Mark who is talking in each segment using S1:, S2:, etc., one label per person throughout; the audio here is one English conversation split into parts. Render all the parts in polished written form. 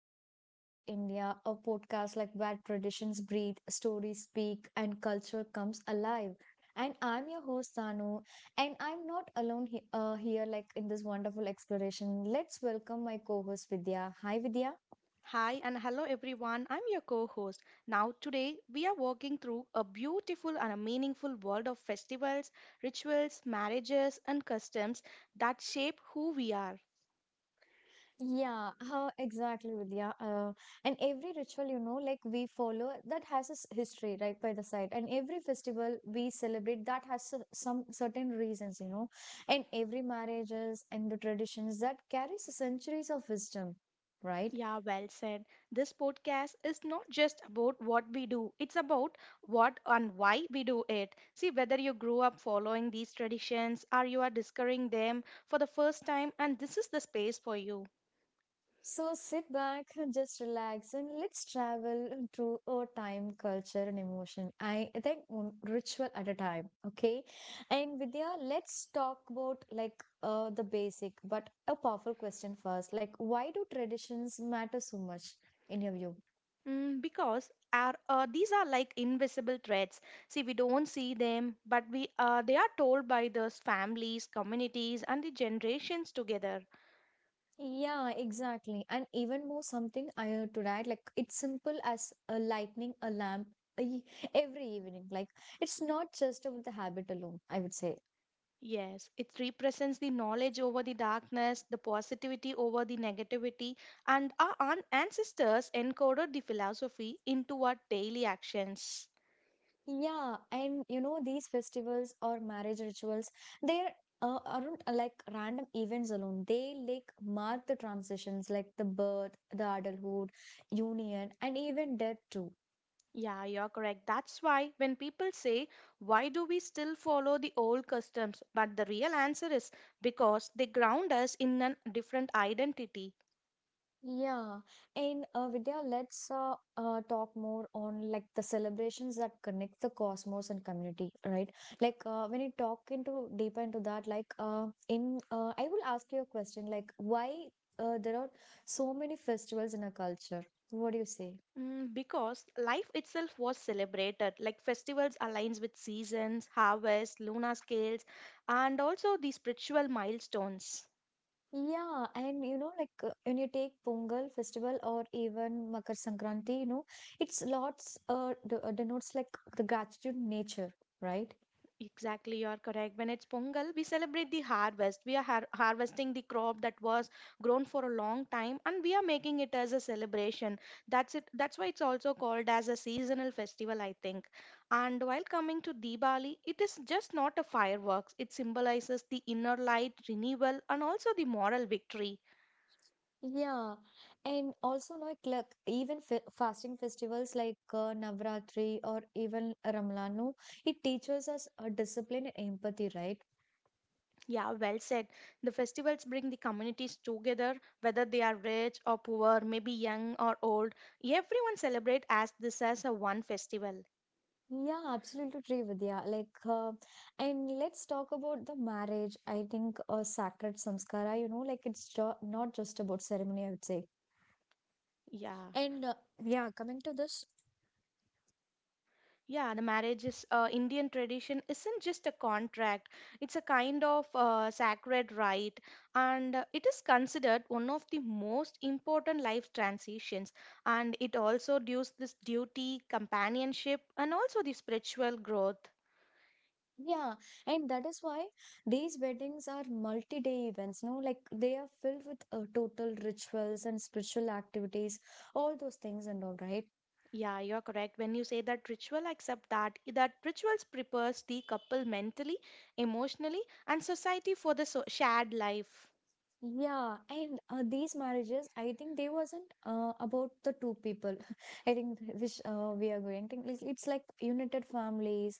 S1: and Rituals of India, a podcast like where traditions breathe, stories speak, and culture comes alive. And I'm your host Sanu, and I'm not alone here, like in this wonderful exploration. Let's welcome my co-host Vidya. Hi, Vidya.
S2: Hi and hello everyone. I'm your co-host. Now today we are walking through a beautiful and a meaningful world of festivals, rituals, marriages and customs that shape who we are.
S1: Yeah, how exactly, Vidya. And every ritual, you know, like we follow that has a history right by the side, and every festival we celebrate that has some certain reasons, you know, and every marriages and the traditions that carries centuries of wisdom, right?
S2: Yeah, well said. This podcast is not just about what we do. It's about what and why we do it. See whether you grew up following these traditions or you are discovering them for the first time and this is the space for you.
S1: So sit back, just relax, and let's travel through a time, culture, and emotion. I think one ritual at a time. Okay, and Vidya, let's talk about like the basic but a powerful question first. Like, why do traditions matter so much in your view?
S2: Because are these are like invisible threats. See, we don't see them, but we they are told by those families, communities, and the generations together.
S1: Yeah, exactly. And even more something I heard to add, like it's simple as a lightning a lamp e- every evening. Like it's not just about the habit alone, I would say.
S2: Yes, it represents the knowledge over the darkness, the positivity over the negativity, and our ancestors encoded the philosophy into our daily actions.
S1: Yeah, and you know, these festivals or marriage rituals, they aren't like random events alone. They like mark the transitions, like the birth, the adulthood, union, and even death too.
S2: Yeah, you're correct. That's why when people say, why do we still follow the old customs? But the real answer is because they ground us in a different identity.
S1: Yeah, and Vidya, let's talk more on like the celebrations that connect the cosmos and community, right? Like when you talk into deeper into that, like in I will ask you a question, like why there are so many festivals in our culture? What do you say?
S2: Because life itself was celebrated, like festivals aligns with seasons, harvest, lunar scales, and also the spiritual milestones.
S1: Yeah, and you know, like when you take Pongal festival or even Makar Sankranti, you know, it's denotes like the gratitude nature, right?
S2: Exactly, you're correct. When it's Pongal, we celebrate the harvest. We are harvesting the crop that was grown for a long time and we are making it as a celebration. That's it. That's why it's also called as a seasonal festival, I think. And while coming to Diwali, it is just not a fireworks. It symbolizes the inner light, renewal, and also the moral victory.
S1: Yeah, and also like even fe fasting festivals like Navratri or even Ramlanu, it teaches us discipline and empathy, right?
S2: Yeah, well said. The festivals bring the communities together, whether they are rich or poor, maybe young or old. Everyone celebrate as this as a one festival.
S1: Yeah, absolutely true, Vidya. Like, and let's talk about the marriage. I think sacred samskara, you know, like it's jo not just about ceremony, I would say.
S2: Yeah.
S1: And yeah, coming to this.
S2: Yeah, the marriage is Indian tradition isn't just a contract. It's a kind of sacred rite, and it is considered one of the most important life transitions. And it also dues this duty, companionship, and also the spiritual growth.
S1: Yeah, and that is why these weddings are multi-day events, no? Like they are filled with total rituals and spiritual activities, all those things and all, right?
S2: Yeah, you're correct. When you say that ritual, I accept that rituals prepares the couple mentally, emotionally, and society for the shared life.
S1: Yeah, and these marriages, I think they wasn't about the two people. I think which we are going to. It's like united families,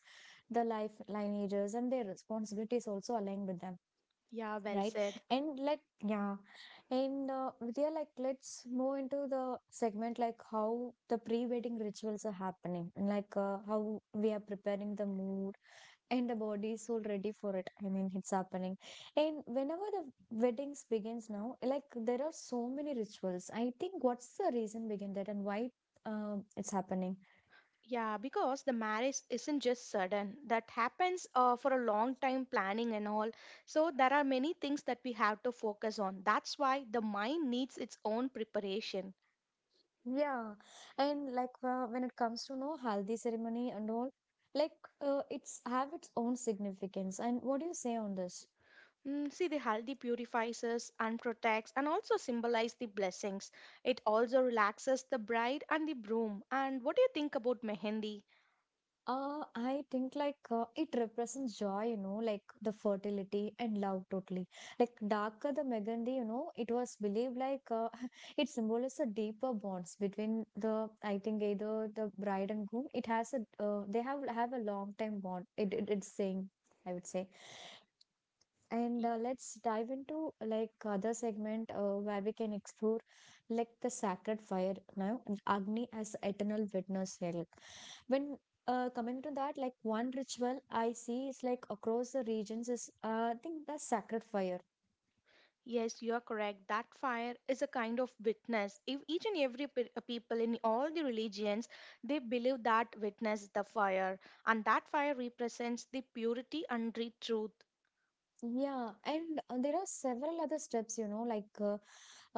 S1: the life lineages, and their responsibilities also aligned with them.
S2: Yeah, well
S1: Right,
S2: said.
S1: and like yeah, and Vidya, like let's move into the segment like how the pre-wedding rituals are happening, and like how we are preparing the mood and the body is all ready for it. I mean, it's happening, and whenever the weddings begins now, like there are so many rituals. I think what's the reason behind that and why it's happening?
S2: Yeah, because the marriage isn't just sudden. That happens for a long time planning and all. So there are many things that we have to focus on. That's why the mind needs its own preparation.
S1: Yeah, and like when it comes to no haldi ceremony and all, like it's have its own significance. And what do you say on this?
S2: See, the haldi purifies us and protects and also symbolizes the blessings. It also relaxes the bride and the groom. And what do you think about mehendi?
S1: I think like it represents joy, you know, like the fertility and love totally. Like Daka the Megandi, you know, it was believed like it symbolizes a deeper bonds between the, I think either the bride and groom. It has a, they have a long time bond. It's saying, I would say. And let's dive into like other segment where we can explore like the sacred fire now and Agni as eternal witness here. Like, when coming to that, like one ritual I see is like across the regions is I think the sacred fire.
S2: Yes, you are correct. That fire is a kind of witness. If each and every people in all the religions, they believe that witness is the fire, and that fire represents the purity and the truth.
S1: Yeah, and there are several other steps, you know, like uh,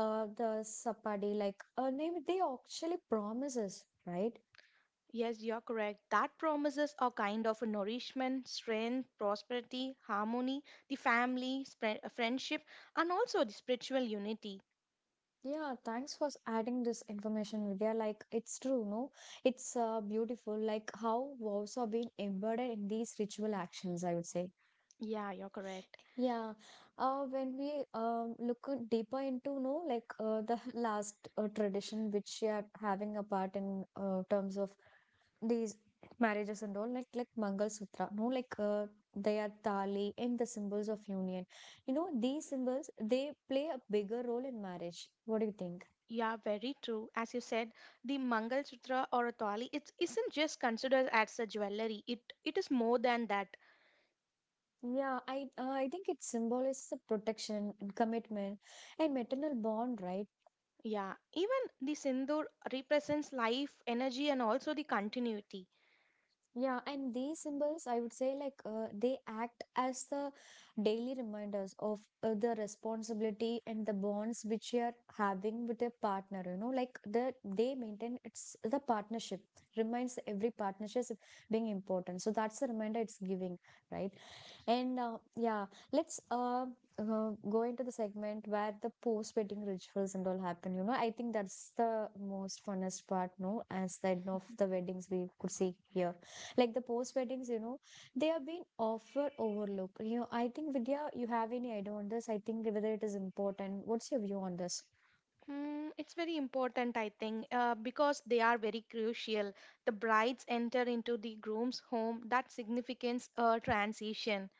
S1: uh, the sapadi, like name they actually promises, right?
S2: Yes, you're correct. That promises a kind of a nourishment, strength, prosperity, harmony, the family, friendship, and also the spiritual unity.
S1: Yeah, thanks for adding this information, Vidya. Like, it's true, no? It's beautiful, like how vows are being embedded in these ritual actions, I would say.
S2: Yeah, you're correct.
S1: Yeah, when we look at deeper into, no, like the last tradition which we are having a part in terms of these marriages and all, like Mangal Sutra, no, like they are tali and the symbols of union. You know, these symbols, they play a bigger role in marriage. What do you think?
S2: Yeah, very true. As you said, the Mangal Sutra or a Thali, it isn't just considered as a jewelry. It is more than that.
S1: Yeah, I think it symbolizes the protection and commitment and maternal bond, right?
S2: Yeah, even the sindoor represents life, energy, and also the continuity.
S1: Yeah, and these symbols, I would say, like they act as the daily reminders of the responsibility and the bonds which you are having with your partner. You know, like they maintain it's the partnership reminds every partnership being important. So that's the reminder it's giving, right? And yeah, let's go into the segment where the post wedding rituals and all happen. You know, I think that's the most funnest part, no, as the end of the weddings we could see here. Like the post weddings, you know, they have been often overlooked. You know, I think Vidya, you have any idea on this? I think whether it is important. What's your view on this?
S2: It's very important, I think, because they are very crucial. The brides enter into the groom's home. That significance a transition.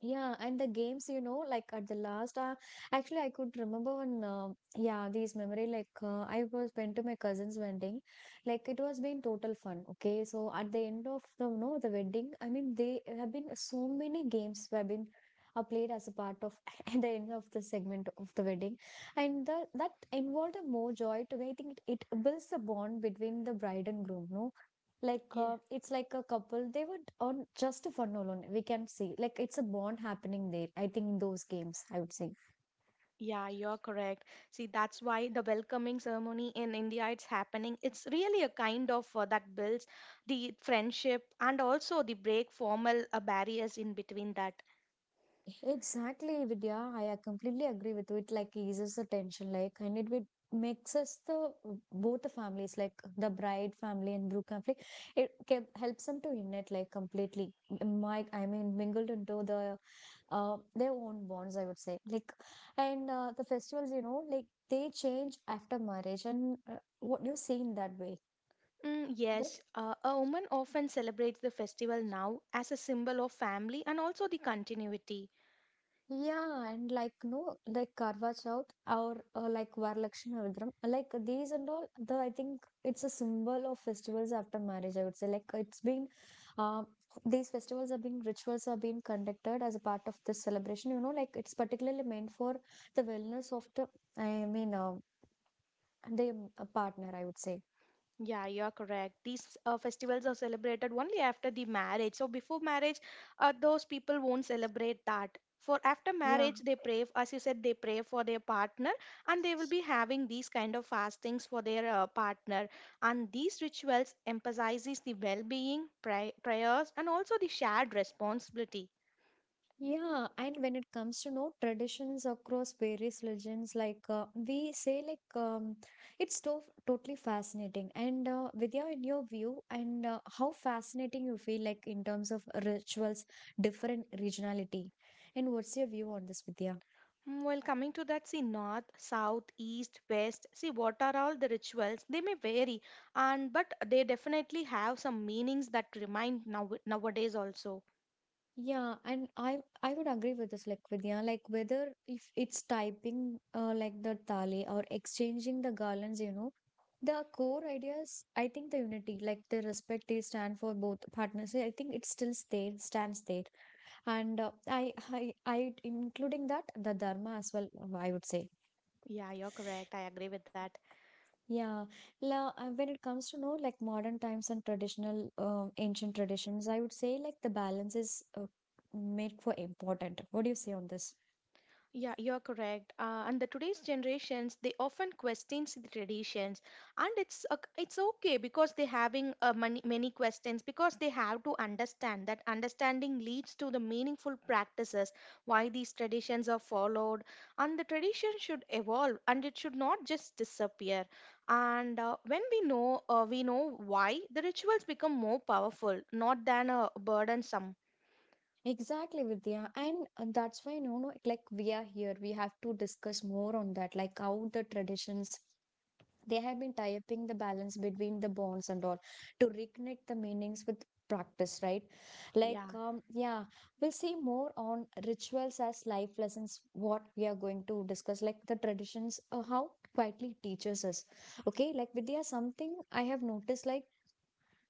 S1: Yeah, and the games, you know, like at the last, actually, I could remember one, yeah, these memory, like I was went to my cousin's wedding, like it was been total fun. Okay, so at the end of the, you know, the wedding, I mean, they have been so many games have been played as a part of at the end of the segment of the wedding, and the, that involved a more joy to me. I think it builds the bond between the bride and groom, no? Like
S2: Yeah,
S1: it's like a couple, they would on just for fun alone. We can see like it's a bond happening there. I think in those games, I would say.
S2: yeah, you're correct. See, that's why the welcoming ceremony in India it's happening. It's really a kind of that builds the friendship and also the break formal barriers in between that.
S1: Exactly, Vidya. I completely agree with you. It like eases the tension, like, and it would makes us the both the families, like the bride family and Brooke family, it can, helps them to unite like completely. My, I mean, mingled into the their own bonds, I would say. Like, and the festivals, you know, like they change after marriage, and what you see in that way. That,
S2: Yes, a woman often celebrates the festival now as a symbol of family and also the continuity.
S1: yeah, and like no, like Karva Chauth or like Varalakshmi Vidram, like these and all. The I think it's a symbol of festivals after marriage. I would say like it's been, um, these festivals are being rituals are being conducted as a part of this celebration. You know, like it's particularly meant for the wellness of the I mean the partner, I would say.
S2: Yeah, you're correct. These festivals are celebrated only after the marriage. So before marriage, those people won't celebrate that. For after
S1: Yeah.
S2: marriage, they pray, as you said, they pray for their partner, and they will be having these kind of fastings for their partner. And these rituals emphasizes the well-being, prayers, and also the shared responsibility.
S1: Yeah, and when it comes to no traditions across various legends, like we say, like it's to totally fascinating. And Vidya, in your view, and how fascinating you feel like in terms of rituals, different regionality, and what's your view on this, Vidya?
S2: Well, coming to that, see, north, south, east, west, see, what are all the rituals? They may vary, and but they definitely have some meanings that remind now nowadays also.
S1: Yeah, and I would agree with this, like Vidya, like whether if it's typing like the thali or exchanging the garlands, you know, the core ideas, I think the unity, like the respect they stand for both partners, I think it still stays, stands there. And I including that, the dharma as well, I would say.
S2: Yeah, you're correct. I agree with that.
S1: Yeah. When it comes to know like modern times and traditional, ancient traditions, I would say like the balance is made for important. What do you say on this?
S2: Yeah, you're correct. And the today's generations they often questions the traditions, and it's okay because they having many questions because they have to understand that understanding leads to the meaningful practices why these traditions are followed, and the tradition should evolve and it should not just disappear. And when we know why the rituals become more powerful, not than a burdensome.
S1: Exactly, Vidya. And that's why, no, no, like we are here. We have to discuss more on that, like how the traditions they have been typing the balance between the bonds and all to reconnect the meanings with practice, right? Like
S2: Yeah.
S1: um, yeah, we'll see more on rituals as life lessons. What we are going to discuss, like the traditions, how quietly teaches us. Okay, like Vidya, something I have noticed, like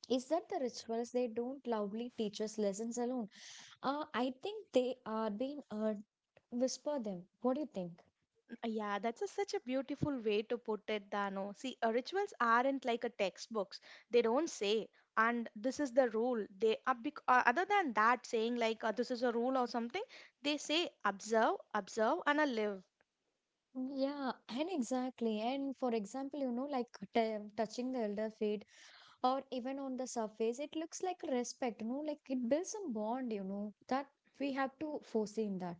S1: is that the rituals they don't loudly teach us lessons alone. I think they are being whisper them. What do you think?
S2: Yeah, that's such a beautiful way to put it, Dano. See, rituals aren't like a textbooks. They don't say, and this is the rule. They are other than that saying like this is a rule or something. They say observe, observe, and live.
S1: Yeah, and exactly. And for example, you know, like touching the elder feet or even on the surface, it looks like respect, you know, like it builds a bond, you know, that we have to foresee in that.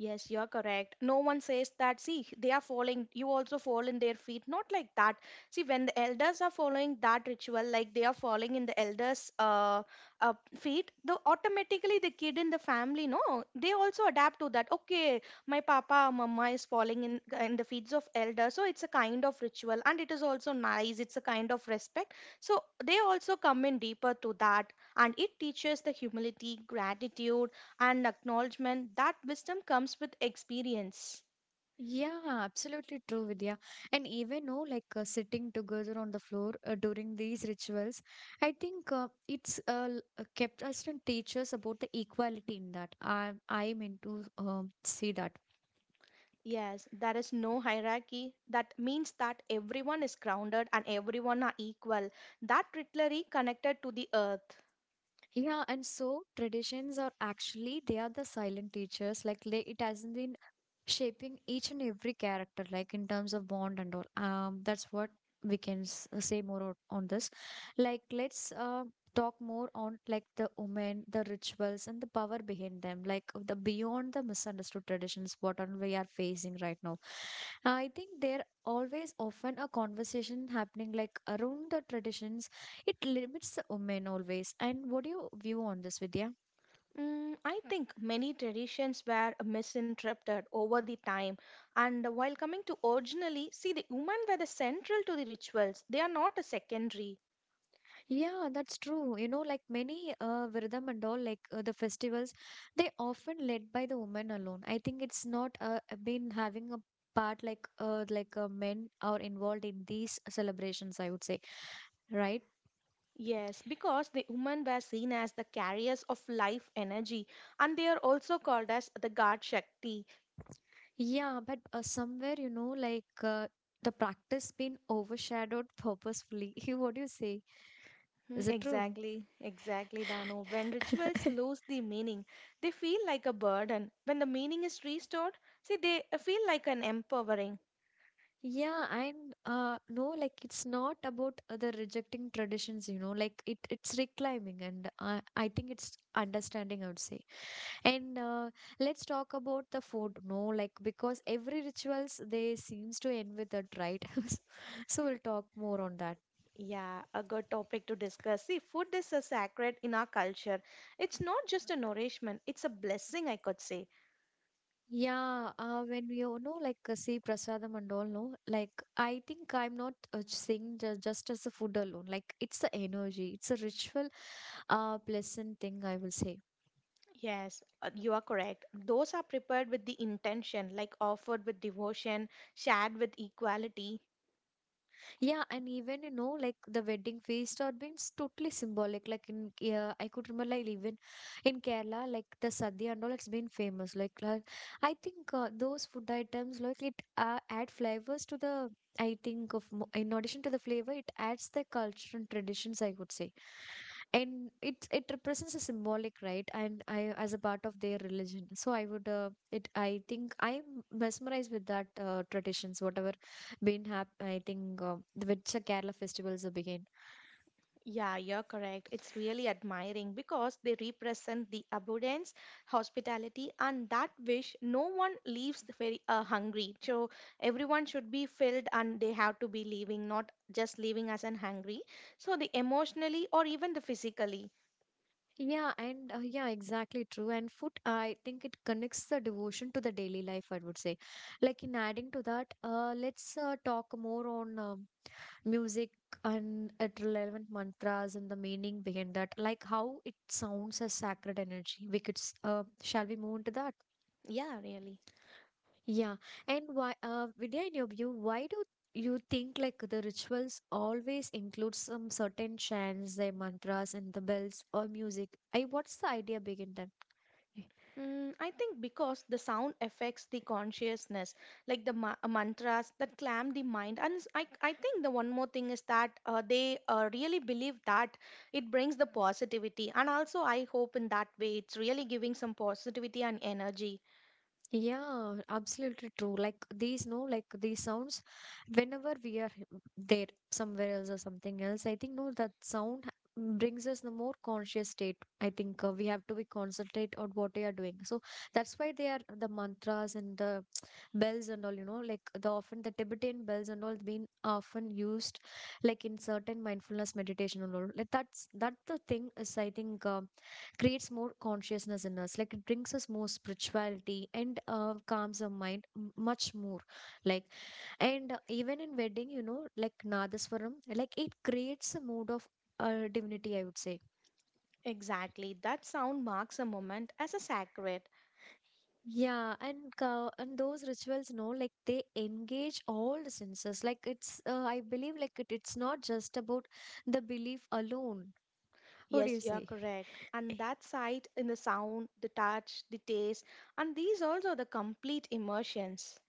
S2: Yes, you're correct. No one says that, see, they are falling, you also fall in their feet. Not like that. See, when the elders are following that ritual, like they are falling in the elders' feet, the automatically the kid in the family, no, they also adapt to that. Okay, my papa, mama is falling in the feet of elders. So it's a kind of ritual and it is also nice. It's a kind of respect. So they also come in deeper to that and it teaches the humility, gratitude and acknowledgement that wisdom comes with experience.
S1: Yeah, absolutely true, Vidya. And even, no, like sitting together on the floor during these rituals, I think it's kept us and teach us about the equality in that. I'm into see that.
S2: Yes, there is no hierarchy. That means that everyone is grounded and everyone are equal. That literally connected to the earth.
S1: Yeah, and so traditions are actually they are the silent teachers. Like they, it hasn't been shaping each and every character like in terms of bond and all that's what we can say more on, this. Like let's talk more on like the women, the rituals and the power behind them, like the beyond the misunderstood traditions what on we are facing right now. I think there always often a conversation happening like around the traditions. It limits the women always. And what do you view on this, Vidya?
S2: I think many traditions were misinterpreted over the time. And while coming to originally, see the women were the central to the rituals. They are not a secondary.
S1: Yeah, that's true. You know, like many Viradam and all, like the festivals, they often led by the women alone. I think it's not been having a part like men are involved in these celebrations, I would say, right?
S2: Yes, because the women were seen as the carriers of life energy, and they are also called as the god shakti.
S1: Yeah, but somewhere, you know, the practice been overshadowed purposefully. What do you say? Is it true?
S2: Exactly, exactly, Dano. When rituals lose the meaning, they feel like a burden. When the meaning is restored, see, they feel like an empowering.
S1: Yeah, and no, like it's not about other rejecting traditions, you know, like it's reclaiming, and I think it's understanding, I would say. And Let's talk about the food, no, like because every rituals they seems to end with that, right? So we'll talk more on that.
S2: Yeah, a good topic to discuss. See, food is a sacred in our culture. It's not just a nourishment, it's a blessing, I could say.
S1: Yeah, when we all know like see prasadam and all, no, like I think I'm not saying just as the food alone. Like it's the energy, it's a ritual, pleasant thing I will say.
S2: Yes, you are correct. Those are prepared with the intention, like offered with devotion, shared with equality.
S1: Yeah, and even you know, like the wedding feast or beings totally symbolic. Like in yeah, I could remember like even in Kerala, like the sadhya and all, it's been famous. Like, I think those food items, like it add flavors to the. I think of in addition to the flavor, it adds the culture and traditions, I would say. And it represents a symbolic, right? And I as a part of their religion. So I would it I think I'm mesmerized with that traditions whatever been I think which the Kerala festivals are begin.
S2: Yeah, you're correct. It's really admiring because they represent the abundance, hospitality, and that wish no one leaves the very hungry. So everyone should be filled and they have to be leaving, not just leaving as an hungry. So the emotionally or even the physically.
S1: Yeah, and yeah, exactly true. And food, I think it connects the devotion to the daily life, I would say. Like in adding to that, let's talk more on music and at relevant mantras and the meaning behind that, like how it sounds as sacred energy. We could, shall we move into that?
S2: Yeah, really.
S1: Yeah. And why, Vidya, in your view, why do you think like the rituals always include some certain chants, their mantras, and the bells or music? What's the idea behind them?
S2: I think because the sound affects the consciousness, like the mantras that clam the mind. And I think the one more thing is that they really believe that it brings the positivity. And also, I hope in that way it's really giving some positivity and energy.
S1: Yeah, absolutely true. Like these, no, like these sounds, whenever we are there somewhere else or something else, I think no, that sound brings us the more conscious state. I think we have to be concentrate on what we are doing. So that's why they are the mantras and the bells and all, you know, like the often the Tibetan bells and all been often used like in certain mindfulness meditation and all. Like that's that the thing is I think. Creates more consciousness in us, like it brings us more spirituality and calms our mind much more like. And Even in wedding, you know, like nadaswaram, like it creates a mood of divinity, I would say.
S2: Exactly. That sound marks a moment as a sacred.
S1: Yeah, and those rituals, no, like they engage all the senses. Like it's I believe like it's not just about the belief alone. What do you
S2: Yes, you're
S1: say?
S2: correct. And that sight in the sound, the touch, the taste, and these also the complete immersions.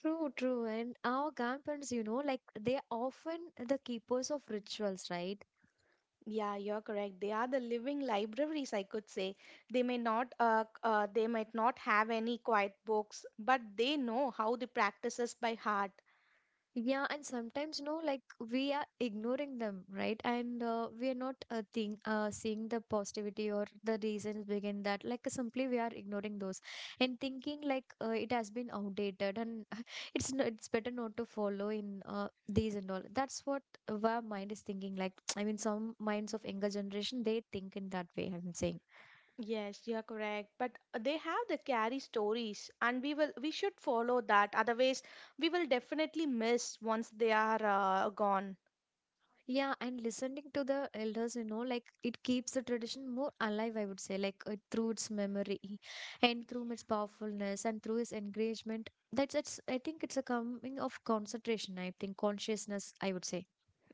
S1: True, true. And our grandparents, you know, like they are often the keepers of rituals, right?
S2: Yeah, you're correct. They are the living libraries, I could say. They might not have any quiet books, but they know how the practices by heart.
S1: Yeah, and sometimes, no, like we are ignoring them, right? And we are not seeing the positivity or the reasons behind that. Like simply we are ignoring those and thinking like it has been outdated and it's no, it's better not to follow in these and all. That's what our mind is thinking. Like I mean, some minds of younger generation they think in that way, I'm saying.
S2: Yes, you're correct. But they have the carry stories, and we should follow that. Otherwise, we will definitely miss once they are gone.
S1: Yeah, and listening to the elders, you know, like it keeps the tradition more alive, I would say, like through its memory and through its powerfulness and through its engagement. I think it's a coming of concentration, I think, consciousness, I would say.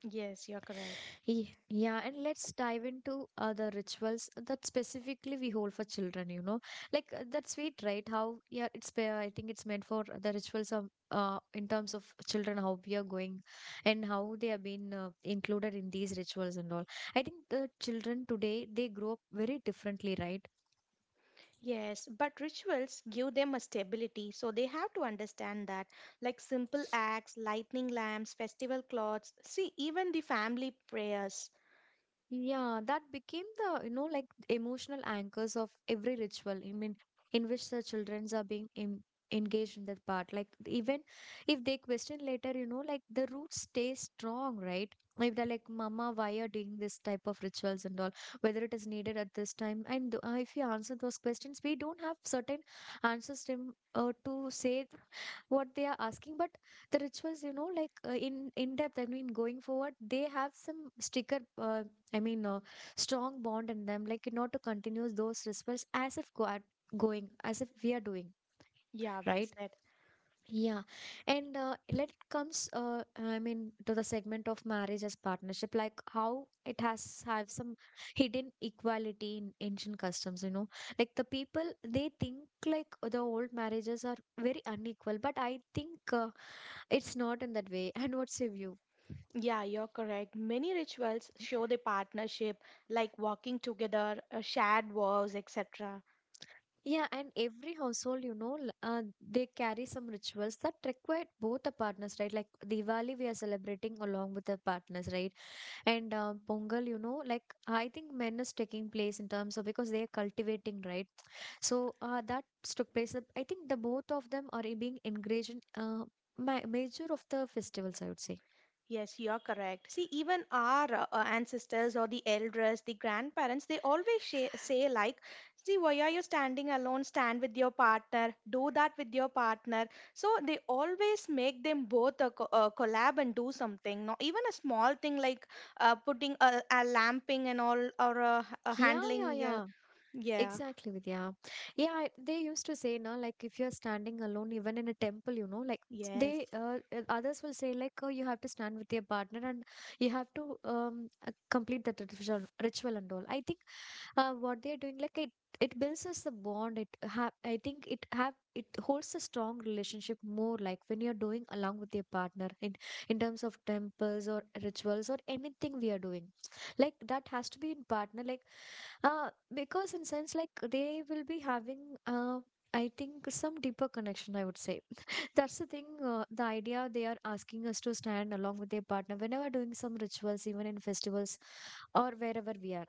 S2: Yes, you're correct.
S1: Yeah, and let's dive into other rituals that specifically we hold for children, you know. Like that's sweet, right? How, yeah, it's, I think it's meant for the rituals of, in terms of children, how we are going and how they have been included in these rituals and all. I think the children today, they grow up very differently, right?
S2: Yes, but rituals give them a stability, so they have to understand that. Like simple acts, lightning lamps, festival cloths, see, even the family prayers.
S1: Yeah, that became the, you know, like emotional anchors of every ritual. I mean, in which the childrens are being engaged in that part. Like, even if they question later, you know, like the roots stay strong, right? If they're like, Mama, why are doing this type of rituals and all, whether it is needed at this time. And if you answer those questions, we don't have certain answers to say what they are asking. But the rituals, you know, like in depth, I mean going forward, they have some sticker I mean strong bond in them, like not to continue those rituals as if go at going as if we are doing,
S2: Yeah, well
S1: right?
S2: said.
S1: Yeah, and let it comes I mean to the segment of marriage as partnership. Like how it has have some hidden equality in ancient customs, you know, like the people they think like the old marriages are very unequal. But I think it's not in that way. And what's your view?
S2: Yeah, you're correct. Many rituals show the partnership, like walking together, shared vows, etc.
S1: Yeah, and every household, you know, they carry some rituals that require both the partners, right? Like Diwali, we are celebrating along with the partners, right? And Pongal, you know, like I think men is taking place in terms of because they are cultivating, right? So that took place. I think the both of them are being engaged in major of the festivals, I would say.
S2: Yes, you're correct. See, even our ancestors or the elders, the grandparents, they always say like, see, why are you standing alone? Stand with your partner. Do that with your partner. So they always make them both a collab and do something. Not even a small thing like putting a lamping and all or
S1: yeah yeah
S2: handling. Yeah,
S1: yeah
S2: yeah,
S1: Exactly, Vidya. Yeah, they used to say, now, like if you're standing alone, even in a temple, you know, like
S2: yes.
S1: they others will say, like, oh, you have to stand with your partner and you have to complete that ritual and all. I think what they're doing, like it builds us a bond. It have I think it holds a strong relationship more, like when you're doing along with your partner in terms of temples or rituals or anything we are doing, like that has to be in partner. Like uh because in sense like they will be having I think some deeper connection, I would say. That's the thing, the idea they are asking us to stand along with their partner whenever doing some rituals, even in festivals or wherever we are.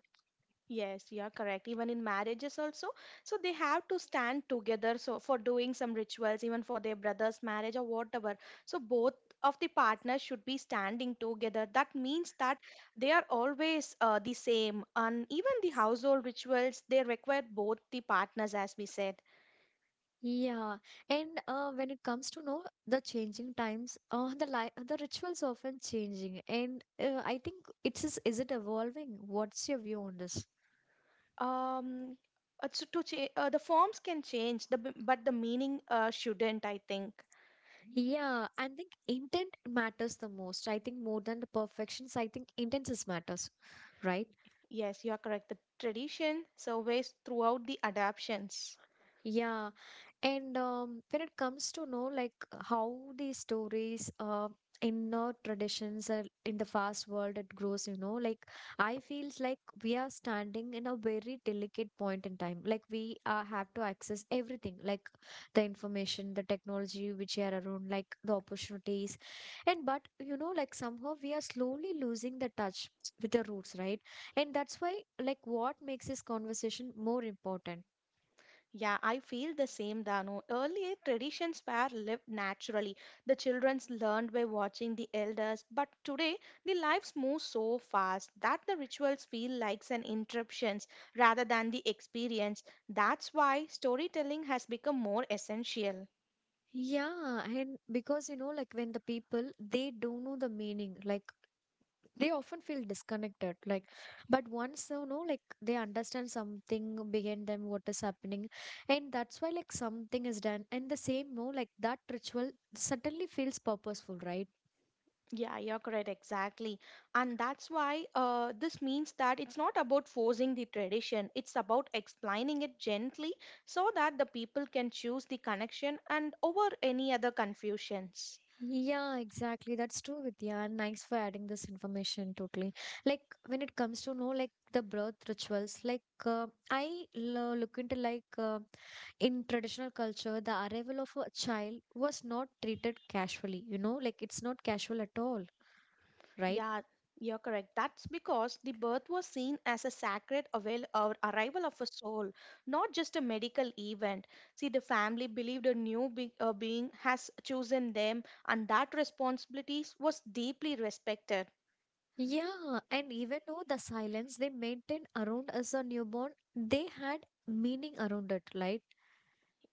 S2: Yes, you are correct. Even in marriages also, so they have to stand together. So for doing some rituals, even for their brother's marriage or whatever. So both of the partners should be standing together. That means that they are always the same. And even the household rituals, they require both the partners, as we said.
S1: Yeah, and when it comes to know the changing times, the rituals often changing, and I think it is it evolving? What's your view on this?
S2: Um, so the forms can change, but the meaning shouldn't. I think.
S1: Yeah, I think intent matters the most. I think more than the perfections, I think intentions matters, right?
S2: Yes, you are correct. The tradition surveys throughout the adaptions.
S1: Yeah. And When it comes to know like how these stories in our traditions are in the fast world it grows, you know, like I feels like we are standing in a very delicate point in time. Like we have to access everything, like the information, the technology which are around, like the opportunities, and but you know, like somehow we are slowly losing the touch with the roots, right? And that's why like what makes this conversation more important.
S2: Yeah, I feel the same, Dano. Earlier, traditions were lived naturally. The children learned by watching the elders, but today, the lives move so fast that the rituals feel like an interruptions rather than the experience. That's why storytelling has become more essential.
S1: Yeah, and because you know, like when the people they don't know the meaning, like they often feel disconnected. Like, but once you know, like they understand something behind them, what is happening, and that's why like something is done. And the same, no, like that ritual suddenly feels purposeful, right?
S2: Yeah, you're correct, exactly. And that's why this means that it's not about forcing the tradition, it's about explaining it gently so that the people can choose the connection and over any other confusions.
S1: Yeah, exactly. That's true, Vidya. And thanks for adding this information totally. Like when it comes to know like the birth rituals, like I lo look into like in traditional culture, the arrival of a child was not treated casually, you know, like it's not casual at all, right?
S2: Yeah, you're correct. That's because the birth was seen as a sacred avail- or arrival of a soul, not just a medical event. See, the family believed a new being has chosen them, and that responsibilities was deeply respected.
S1: Yeah, and even though the silence they maintained around as a newborn, they had meaning around it, right?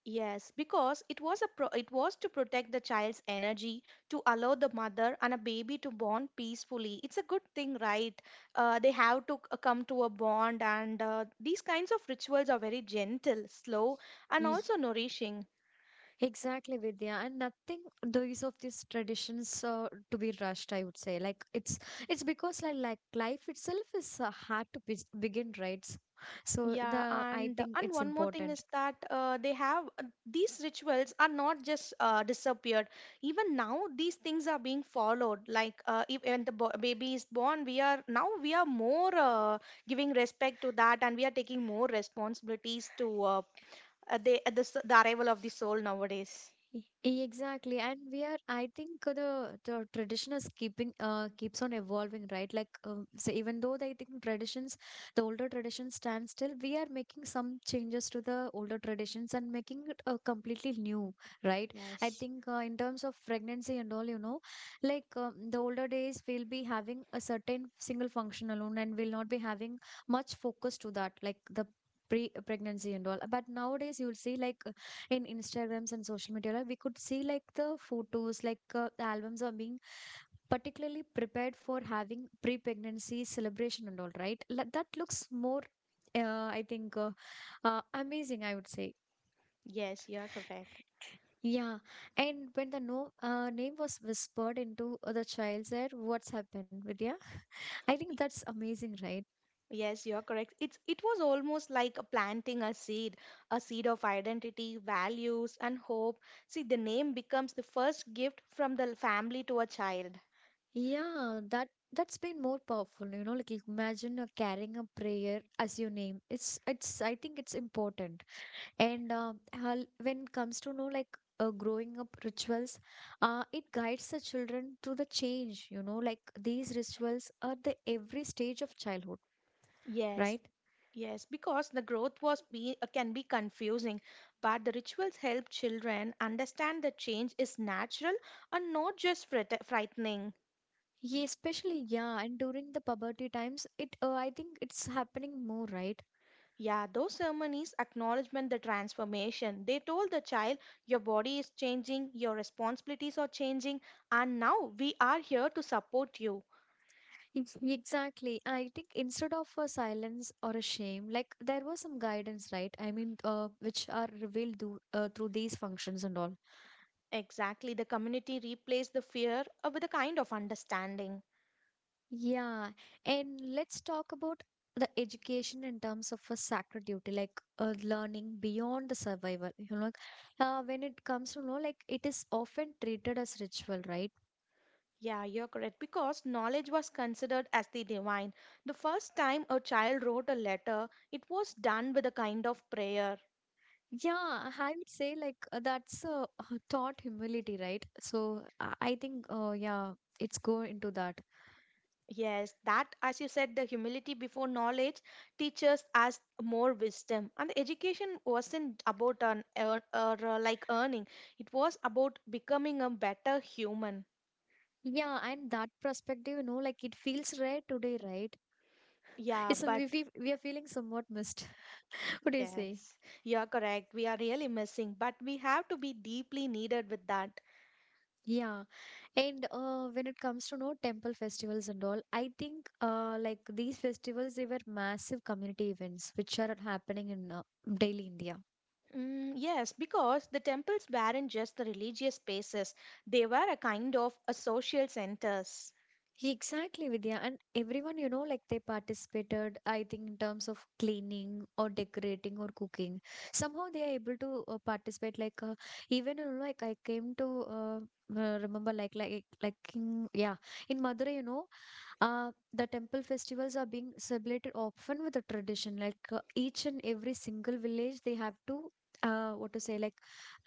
S2: Yes, because it was a pro- it was to protect the child's energy to allow the mother and a baby to bond peacefully. It's a good thing, right? They have to come to a bond, and these kinds of rituals are very gentle, slow, and also nourishing.
S1: Exactly, Vidya, and nothing. These of these traditions to be rushed, I would say. Like it's because like life itself is hard to be begin, right? So
S2: Yeah,
S1: the I
S2: and
S1: think
S2: and
S1: it's
S2: one more thing
S1: important.
S2: is that they have these rituals are not just disappeared. Even now, these things are being followed. Like if when the baby is born, we are more giving respect to that, and we are taking more responsibilities to the arrival of the soul nowadays.
S1: E- Exactly, and we are. I think the tradition is keeping keeps on evolving, right? Like, so even though I think traditions, the older traditions stand still, we are making some changes to the older traditions and making it completely new, right? I
S2: Yes,
S1: think in terms of pregnancy and all, you know, like, the older days, we'll be having a certain single function alone, and we'll not be having much focus to that, like the. Pre pregnancy and all, but nowadays you will see like in Instagrams and social media, like we could see like the photos, like the albums are being particularly prepared for having pre-pregnancy celebration and all, right? Like, that looks more I think amazing, I would say.
S2: yes, you are correct.
S1: Yeah. And when the no name was whispered into the child's ear, what's happened, Vidya? I think that's amazing, right?
S2: Yes, you are correct. It's it was almost like a planting a seed of identity, values, and hope. See, the name becomes the first gift from the family to a child.
S1: Yeah, that's been more powerful, you know, like imagine carrying a prayer as your name. It's I think it's important. And when it comes to know like growing up rituals, it guides the children to the change. You know, like these rituals are the every stage of childhood,
S2: Yes,
S1: right?
S2: yes, because the growth was be can be confusing, but the rituals help children understand that change is natural and not just frightening.
S1: Yeah, especially, yeah, and during the puberty times, it I think it's happening more, right?
S2: Yeah, those ceremonies acknowledgement the transformation. They told the child, your body is changing, your responsibilities are changing, and now we are here to support you.
S1: Exactly, I think instead of a silence or a shame, like there was some guidance, right? Which are revealed through, through these functions and all.
S2: Exactly, the community replaced the fear with a kind of understanding.
S1: Yeah, and let's talk about the education in terms of a sacred duty, like learning beyond the survival. You know, like, when it comes to know, like it is often treated as ritual, right?
S2: Yeah, you're correct because knowledge was considered as the divine. The first time a child wrote a letter, it was done with a kind of prayer.
S1: Yeah, I would say like that's taught humility, right? So I think, yeah, it's go into that.
S2: Yes, that, as you said, the humility before knowledge teaches us more wisdom. And the education wasn't about an earn, or like earning; it was about becoming a better human.
S1: Yeah, and that perspective, you know, like it feels rare today, right?
S2: Yeah,
S1: It's
S2: but
S1: we are feeling somewhat missed. What do you say?
S2: yes, you're correct. We are really missing, but we have to be deeply needed with that.
S1: Yeah. And when it comes to no temple festivals and all, I think like these festivals they were massive community events which are happening in daily India.
S2: Mm, yes, because the temples weren't just the religious spaces; they were a kind of a social centers.
S1: Exactly, Vidya. And everyone, you know, like they participated, I think, in terms of cleaning or decorating or cooking. Somehow they are able to participate. Like, even, you know, like I came to remember, yeah, in Madurai, you know, the temple festivals are being celebrated often with a tradition. Like, each and every single village, they have to, what to say, like,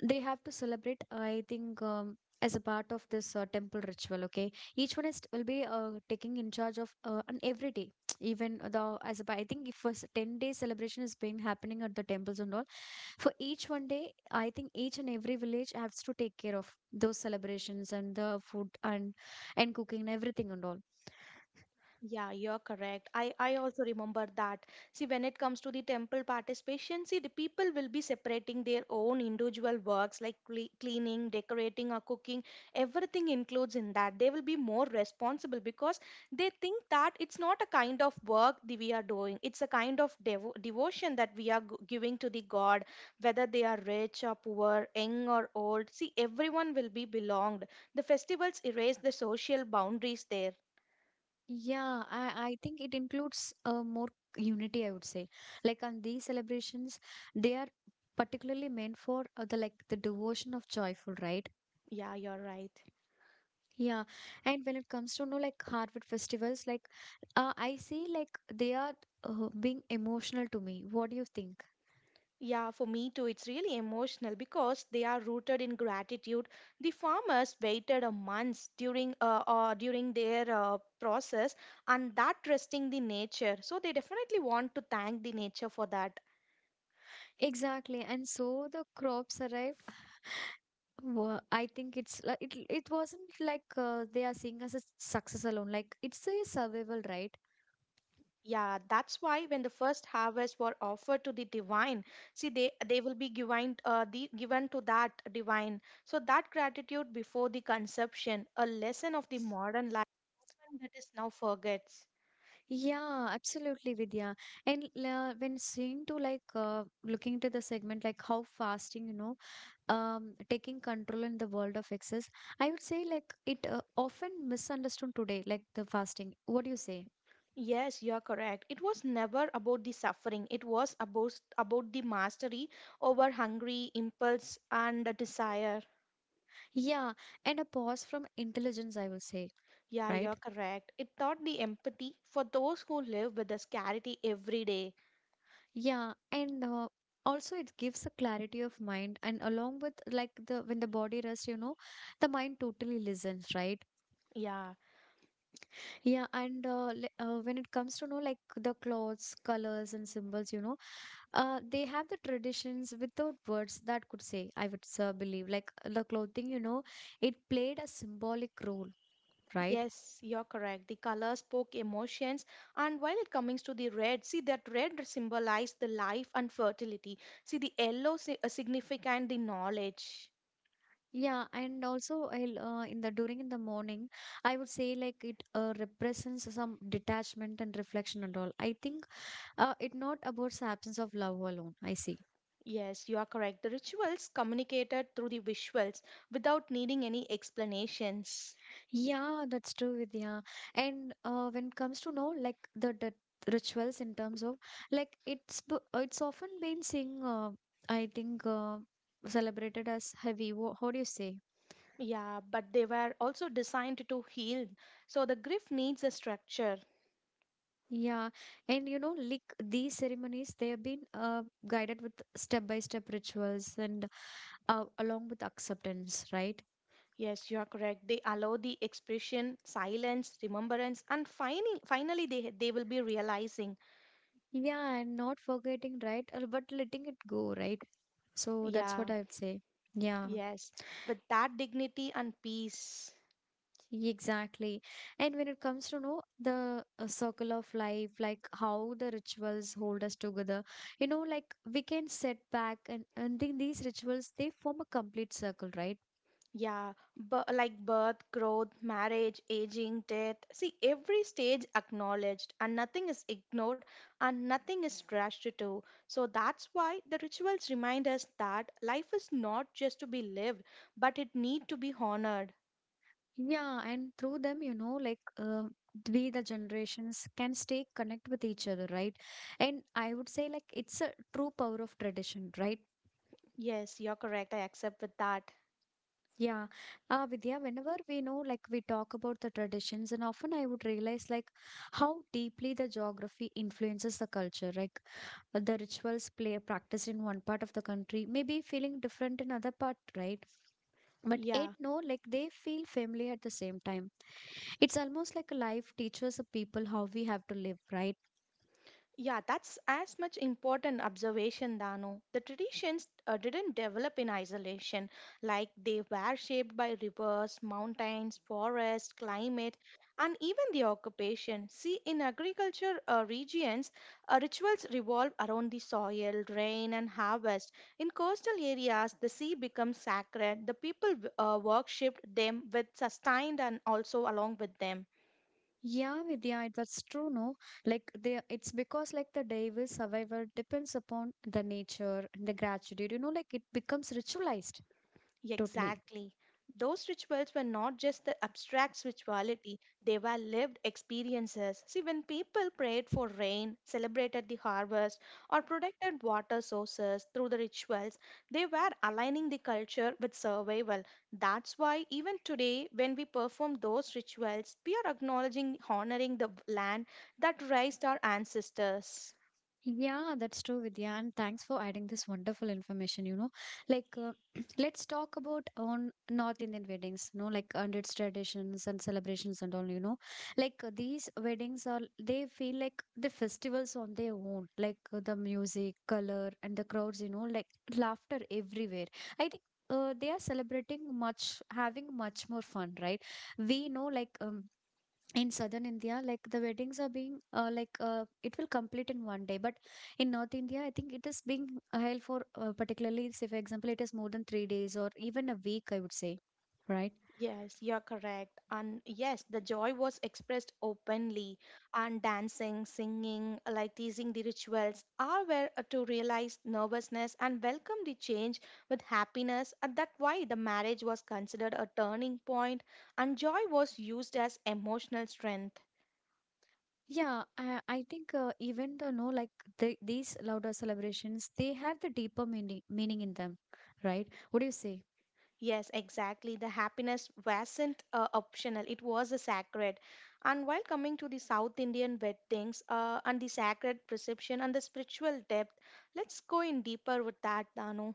S1: they have to celebrate, I think, as a part of this temple ritual, okay? Each one is will be taking in charge of on every day. Even the as a, I think if a 10-day celebration has been happening at the temples and all, for each one day, I think each and every village has to take care of those celebrations and the food and cooking and everything and all.
S2: Yeah, you're correct. I also remember that. See, when it comes to the temple participation, see, the people will be separating their own individual works like cleaning, decorating, or cooking. Everything includes in that. They will be more responsible because they think that it's not a kind of work that we are doing, it's a kind of devotion that we are giving to the God, whether they are rich or poor, young or old. See, everyone will be belonged. The festivals erase the social boundaries there.
S1: Yeah, I think it includes more unity, I would say. Like on these celebrations, they are particularly meant for the like the devotion of joyful, right?
S2: Yeah, you're right.
S1: Yeah, and when it comes to no like Harvard festivals, like I see like they are being emotional to me. What do you think?
S2: Yeah, for me too, it's really emotional because they are rooted in gratitude. The farmers waited a month during their process, and that trusting the nature. So they definitely want to thank the nature for that.
S1: Exactly, and so the crops arrived. I think it's like it, it wasn't like they are seeing us as success alone. Like it's a survival, right?
S2: Yeah, that's why when the first harvest were offered to the divine, see they will be given the given to that divine. So that gratitude before the conception, a lesson of the modern life that is now forgets.
S1: Yeah, absolutely, Vidya. And when seeing to like looking to the segment, like how fasting, you know, taking control in the world of excess, I would say like it often misunderstood today, like the fasting. What do you say?
S2: Yes, you are correct. It was never about the suffering. It was about the mastery over hungry, impulse, and the desire.
S1: Yeah, and a pause from intelligence, I will say,
S2: Yeah, you are
S1: right?
S2: correct. It taught the empathy for those who live with the scarcity every day.
S1: Yeah, and also it gives a clarity of mind, and along with like the when the body rests, you know, the mind totally listens, right?
S2: Yeah,
S1: Yeah, and when it comes to know like the clothes, colors, and symbols, you know, they have the traditions without words that could say. I would believe like the clothing, you know, it played a symbolic role, right?
S2: yes, you're correct. The color spoke emotions, and while it comes to the red, see that red symbolized the life and fertility. See the yellow significant the knowledge.
S1: Yeah, and also I'll, in the during in the morning, I would say like it represents some detachment and reflection and all. I think it not about the absence of love alone. I see.
S2: Yes, you are correct. The rituals communicated through the visuals without needing any explanations.
S1: Yeah, that's true, Vidya. And when it comes to know like the rituals in terms of like it's often been sing I think celebrated as heavy. Wha How do you say?
S2: Yeah, but they were also designed to heal. So the grief needs a structure.
S1: Yeah, and you know like these ceremonies they have been guided with step by step rituals and along with acceptance, right?
S2: Yes, you are correct. They allow the expression, silence, remembrance, and finally they will be realizing.
S1: Yeah, and not forgetting, right? But letting it go, right? So that's
S2: Yeah,
S1: what I would say. Yeah.
S2: yes, with that dignity and peace.
S1: Exactly. And when it comes to know the circle of life, like how the rituals hold us together, you know, like we can set back, and then these rituals, they form a complete circle, right?
S2: Yeah, like birth, growth, marriage, aging, death. See, every stage acknowledged, and nothing is ignored, and nothing is rushed to. So that's why the rituals remind us that life is not just to be lived, but it need to be honored.
S1: Yeah. And through them, you know, like we, the generations, can stay connect with each other, right? And I would say, like, it's a true power of tradition, right?
S2: Yes, you're correct. I accept with that.
S1: Yeah, Vidya, whenever we know, like we talk about the traditions, and often I would realize like how deeply the geography influences the culture. Like the rituals play practiced in one part of the country, maybe feeling different in other part, right? But it
S2: Yeah.
S1: no, like they feel familiar at the same time. It's almost like life teaches the people how we have to live, right?
S2: Yeah, that's as much important observation, Dano. The traditions didn't develop in isolation, like they were shaped by rivers, mountains, forests, climate, and even the occupation. See, in agriculture regions, rituals revolve around the soil, rain, and harvest. In coastal areas, the sea becomes sacred. The people worshipped them with sustained and also along with them.
S1: Yeah, Vidya, that's true, no? Like they it's because like the devil survival depends upon the nature and the gratitude, you know, like it becomes ritualized totally.
S2: Exactly. Those rituals were not just the abstract spirituality, they were lived experiences. See, when people prayed for rain, celebrated the harvest, or protected water sources through the rituals, they were aligning the culture with survival. That's why, even today, when we perform those rituals, we are acknowledging, honoring the land that raised our ancestors.
S1: Yeah, that's true, Vidya. And thanks for adding this wonderful information. You know, like let's talk about on North Indian weddings. You know, like and its traditions and celebrations and all. You know, like these weddings are they feel like the festivals on their own. Like the music, color, and the crowds. You know, like laughter everywhere. I think. They are celebrating much having much more fun, right? We know like in southern India like the weddings are being uh, like uh, it will complete in one day, but in north India I think it is being held for particularly say for example it is more than 3 days or even a week, I would say, right?
S2: Yes, you're correct. And yes, the joy was expressed openly, and dancing, singing, like teasing the rituals, all were to realize nervousness and welcome the change with happiness. And that why the marriage was considered a turning point, and joy was used as emotional strength.
S1: Yeah, i, I think even though no like these louder celebrations they have the deeper meaning in them, right? What do you say?
S2: Yes, exactly. The happiness wasn't optional, it was a sacred. And while coming to the South Indian weddings and the sacred perception and the spiritual depth, let's go in deeper with that, Danu.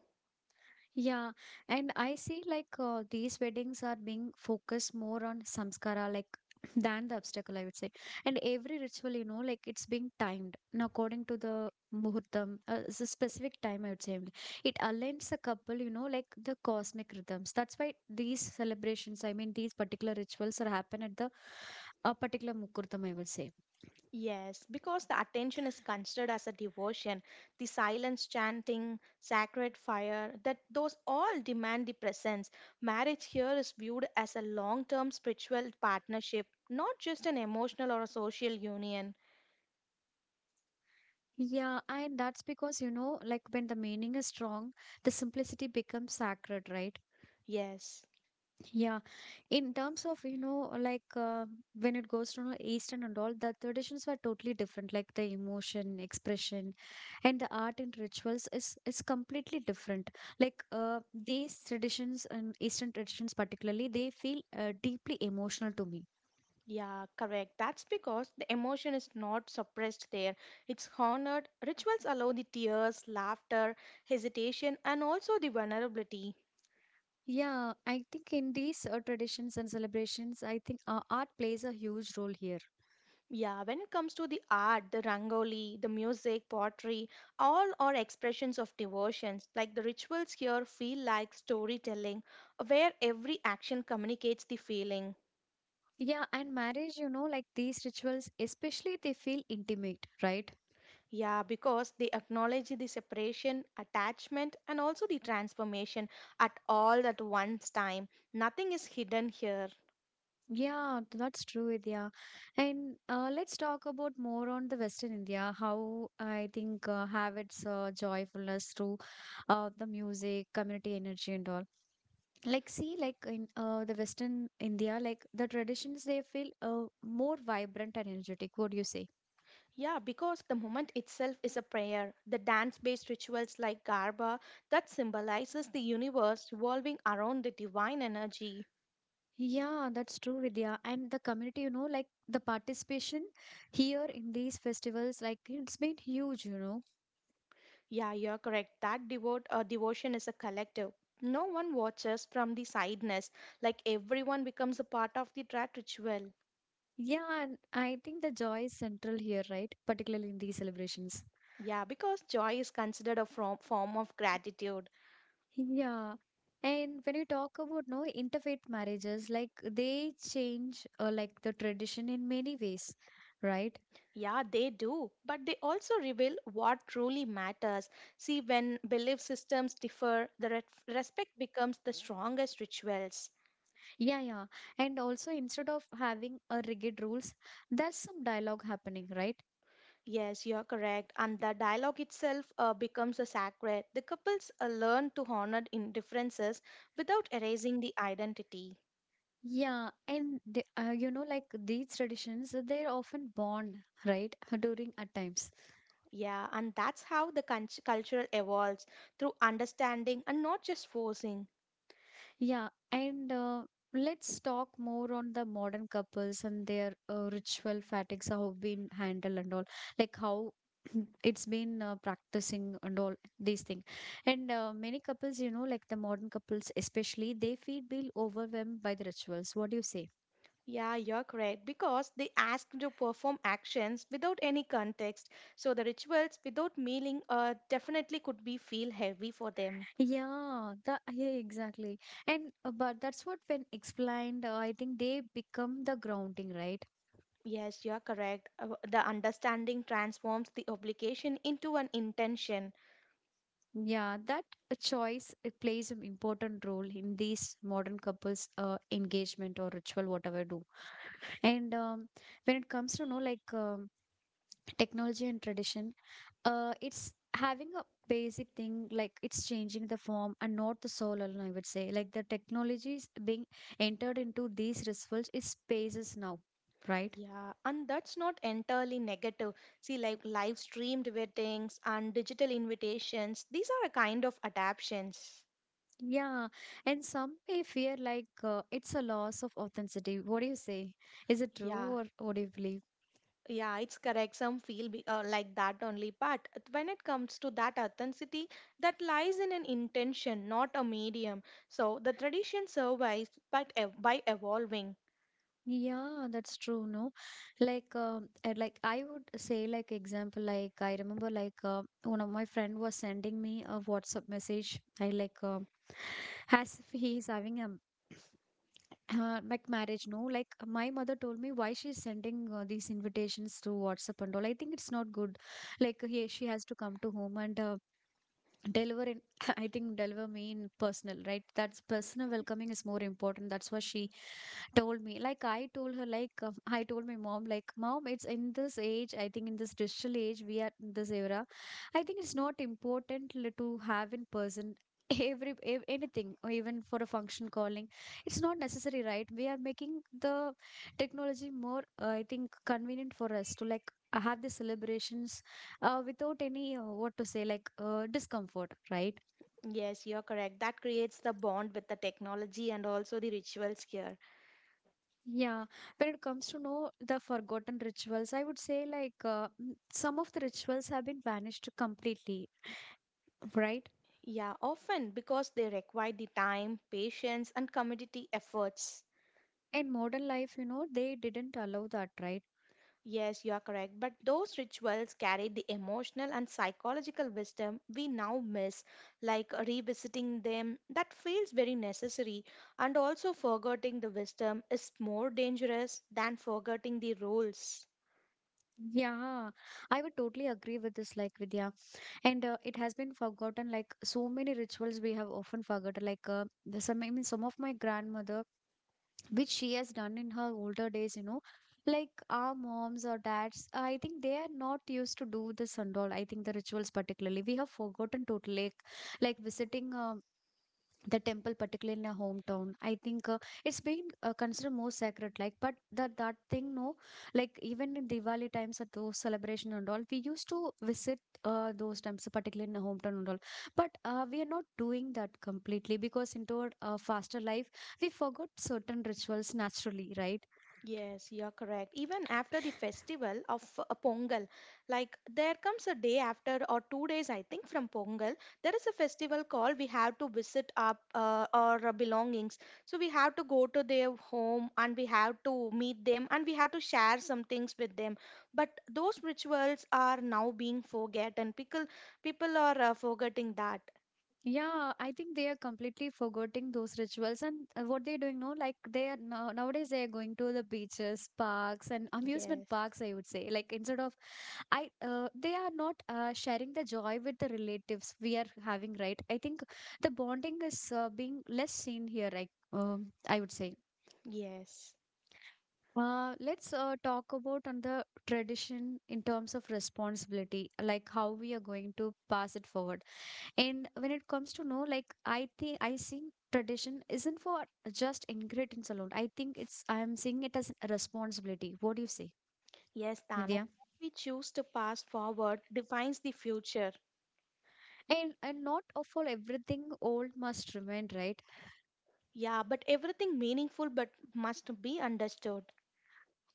S1: Yeah, and I see like these weddings are being focused more on samskara, like than the obstacle, I would say. And every ritual, you know, like it's being timed and according to the muhurtam, it's a specific time, I would say. It aligns the couple, you know, like the cosmic rhythms. That's why these celebrations, I mean, these particular rituals are happen at the a particular mukurtam, I would say.
S2: Yes, because the attention is considered as a devotion. The silence chanting, sacred fire, that those all demand the presence. Marriage here is viewed as a long term spiritual partnership, not just an emotional or a social union.
S1: Yeah, and that's because, you know, like when the meaning is strong, the simplicity becomes sacred, right?
S2: Yes.
S1: Yeah, in terms of, you know, like when it goes to you know, Eastern and all, the traditions were totally different. Like the emotion, expression, and the art and rituals is completely different. Like these traditions and Eastern traditions particularly, they feel deeply emotional to me.
S2: Yeah, correct. That's because the emotion is not suppressed there. It's honored. Rituals allow the tears, laughter, hesitation, and also the vulnerability.
S1: Yeah, I think in these traditions and celebrations, I think art plays a huge role here.
S2: Yeah, when it comes to the art, the rangoli, the music, pottery, all are expressions of devotions. Like the rituals here feel like storytelling, where every action communicates the feeling.
S1: Yeah, and marriage, you know, like these rituals, especially they feel intimate, right?
S2: Yeah, because they acknowledge the separation, attachment, and also the transformation at all at once time. Nothing is hidden here.
S1: Yeah, that's true, Vidya. And let's talk about more on the Western India, how I think have its joyfulness through the music, community energy, and all. Like, see, like in the Western India, like the traditions, they feel more vibrant and energetic. What do you say?
S2: Yeah, because the moment itself is a prayer. The dance based rituals like Garba that symbolizes the universe revolving around the divine energy.
S1: Yeah, that's true, Vidya. And the community, you know, like the participation here in these festivals, like it's been huge, you know.
S2: Yeah, you're correct. That devote devotion is a collective. No one watches from the sideness, like everyone becomes a part of the rat ritual.
S1: Yeah, and I think the joy is central here, right? Particularly in these celebrations.
S2: Yeah, because joy is considered a form of gratitude.
S1: Yeah. And when you talk about no interfaith marriages, like they change like the tradition in many ways, right?
S2: Yeah, they do, but they also reveal what truly matters. See, when belief systems differ, the respect becomes the strongest rituals.
S1: Yeah, yeah. And also instead of having a rigid rules, there's some dialogue happening, right?
S2: Yes, you're correct. And the dialogue itself becomes a sacred. The couples learn to honor in differences without erasing the identity.
S1: Yeah, and the, you know, like these traditions, they're often born, right, during at times.
S2: Yeah, and that's how the culture evolves through understanding and not just forcing.
S1: Yeah, and let's talk more on the modern couples and their ritual fatigues, how been handled and all, like how it's been practicing and all these things. And many couples, you know, like the modern couples especially, they feel be overwhelmed by the rituals. What do you say?
S2: Yeah, you're correct. Because they asked to perform actions without any context. So the rituals without meaning definitely could be feel heavy for them.
S1: Yeah, that yeah, exactly. And but that's what when explained, I think they become the grounding, right?
S2: Yes, you're correct. The understanding transforms the obligation into an intention.
S1: Yeah, that choice it plays an important role in these modern couples' engagement or ritual, whatever do. And When it comes to know, like technology and tradition, it's having a basic thing, like it's changing the form and not the soul alone. I would say like the technologies being entered into these rituals is spaces now, right?
S2: Yeah, and that's not entirely negative. See, like live streamed weddings and digital invitations, these are a kind of adaptations.
S1: Yeah, and some may fear like it's a loss of authenticity. What do you say? Is it
S2: Yeah.
S1: true, or what do you believe?
S2: Yeah, it's correct. Some feel like that only. But when it comes to that authenticity, that lies in an intention, not a medium. So the tradition survives but by evolving.
S1: Yeah, that's true, no? Like I would say, like example, like I remember, like one of my friend was sending me a WhatsApp message. I like, as if he is having a like marriage, no? Like my mother told me why she's sending these invitations to WhatsApp and all. I think it's not good. Like he, she has to come to home and deliver in I think deliver mean personal, right? That's personal welcoming is more important. That's what she told me. Like I told her, like I told my mom, like, Mom, it's in this age, I think in this digital age, we are in this era. I think it's not important to have in person every anything, or even for a function calling it's not necessary, right? We are making the technology more I think convenient for us to like have the celebrations without any what to say, like discomfort, right?
S2: Yes, you're correct. That creates the bond with the technology and also the rituals here.
S1: Yeah, when it comes to know the forgotten rituals, I would say like some of the rituals have been vanished completely, right?
S2: Yeah, often because they require the time, patience, and community efforts.
S1: In modern life, you know, they didn't allow that, right?
S2: Yes, you are correct. But those rituals carried the emotional and psychological wisdom we now miss, like revisiting them. That feels very necessary. And also, forgetting the wisdom is more dangerous than forgetting the rules.
S1: Yeah, I would totally agree with this, like Vidya. And it has been forgotten, like so many rituals we have often forgotten. Like some, I mean, some of my grandmother which she has done in her older days, you know, like our moms or dads, I think they are not used to do this and all. I think the rituals particularly we have forgotten totally, like visiting the temple particularly in our hometown. I think it's being considered more sacred, like, but that thing, no, like even in Diwali times at those celebration and all, we used to visit those times particularly in our hometown and all. But we are not doing that completely because into our faster life we forgot certain rituals naturally, right?
S2: Yes, you're correct. Even after the festival of Pongal, like there comes a day after or 2 days, I think, from Pongal, there is a festival called we have to visit our belongings. So we have to go to their home and we have to meet them and we have to share some things with them. But those rituals are now being forgotten. People are forgetting that.
S1: Yeah, I think they are completely forgetting those rituals, and what they're doing, no, like they are nowadays they are going to the beaches, parks, and amusement
S2: Yes,
S1: parks, I would say, like instead of I they are not sharing the joy with the relatives we are having, right? I think the bonding is being less seen here. Like I would say.
S2: yes,
S1: Let's talk about on the tradition in terms of responsibility, like how we are going to pass it forward. And when it comes to know, like I think I see tradition isn't for just ingredients alone. I think it's I am seeing it as a responsibility. What do you say,
S2: yes, Tano.
S1: Vidya?
S2: What we choose to pass forward defines the future.
S1: And not of all everything old must remain, right?
S2: Yeah, but everything meaningful but must be understood.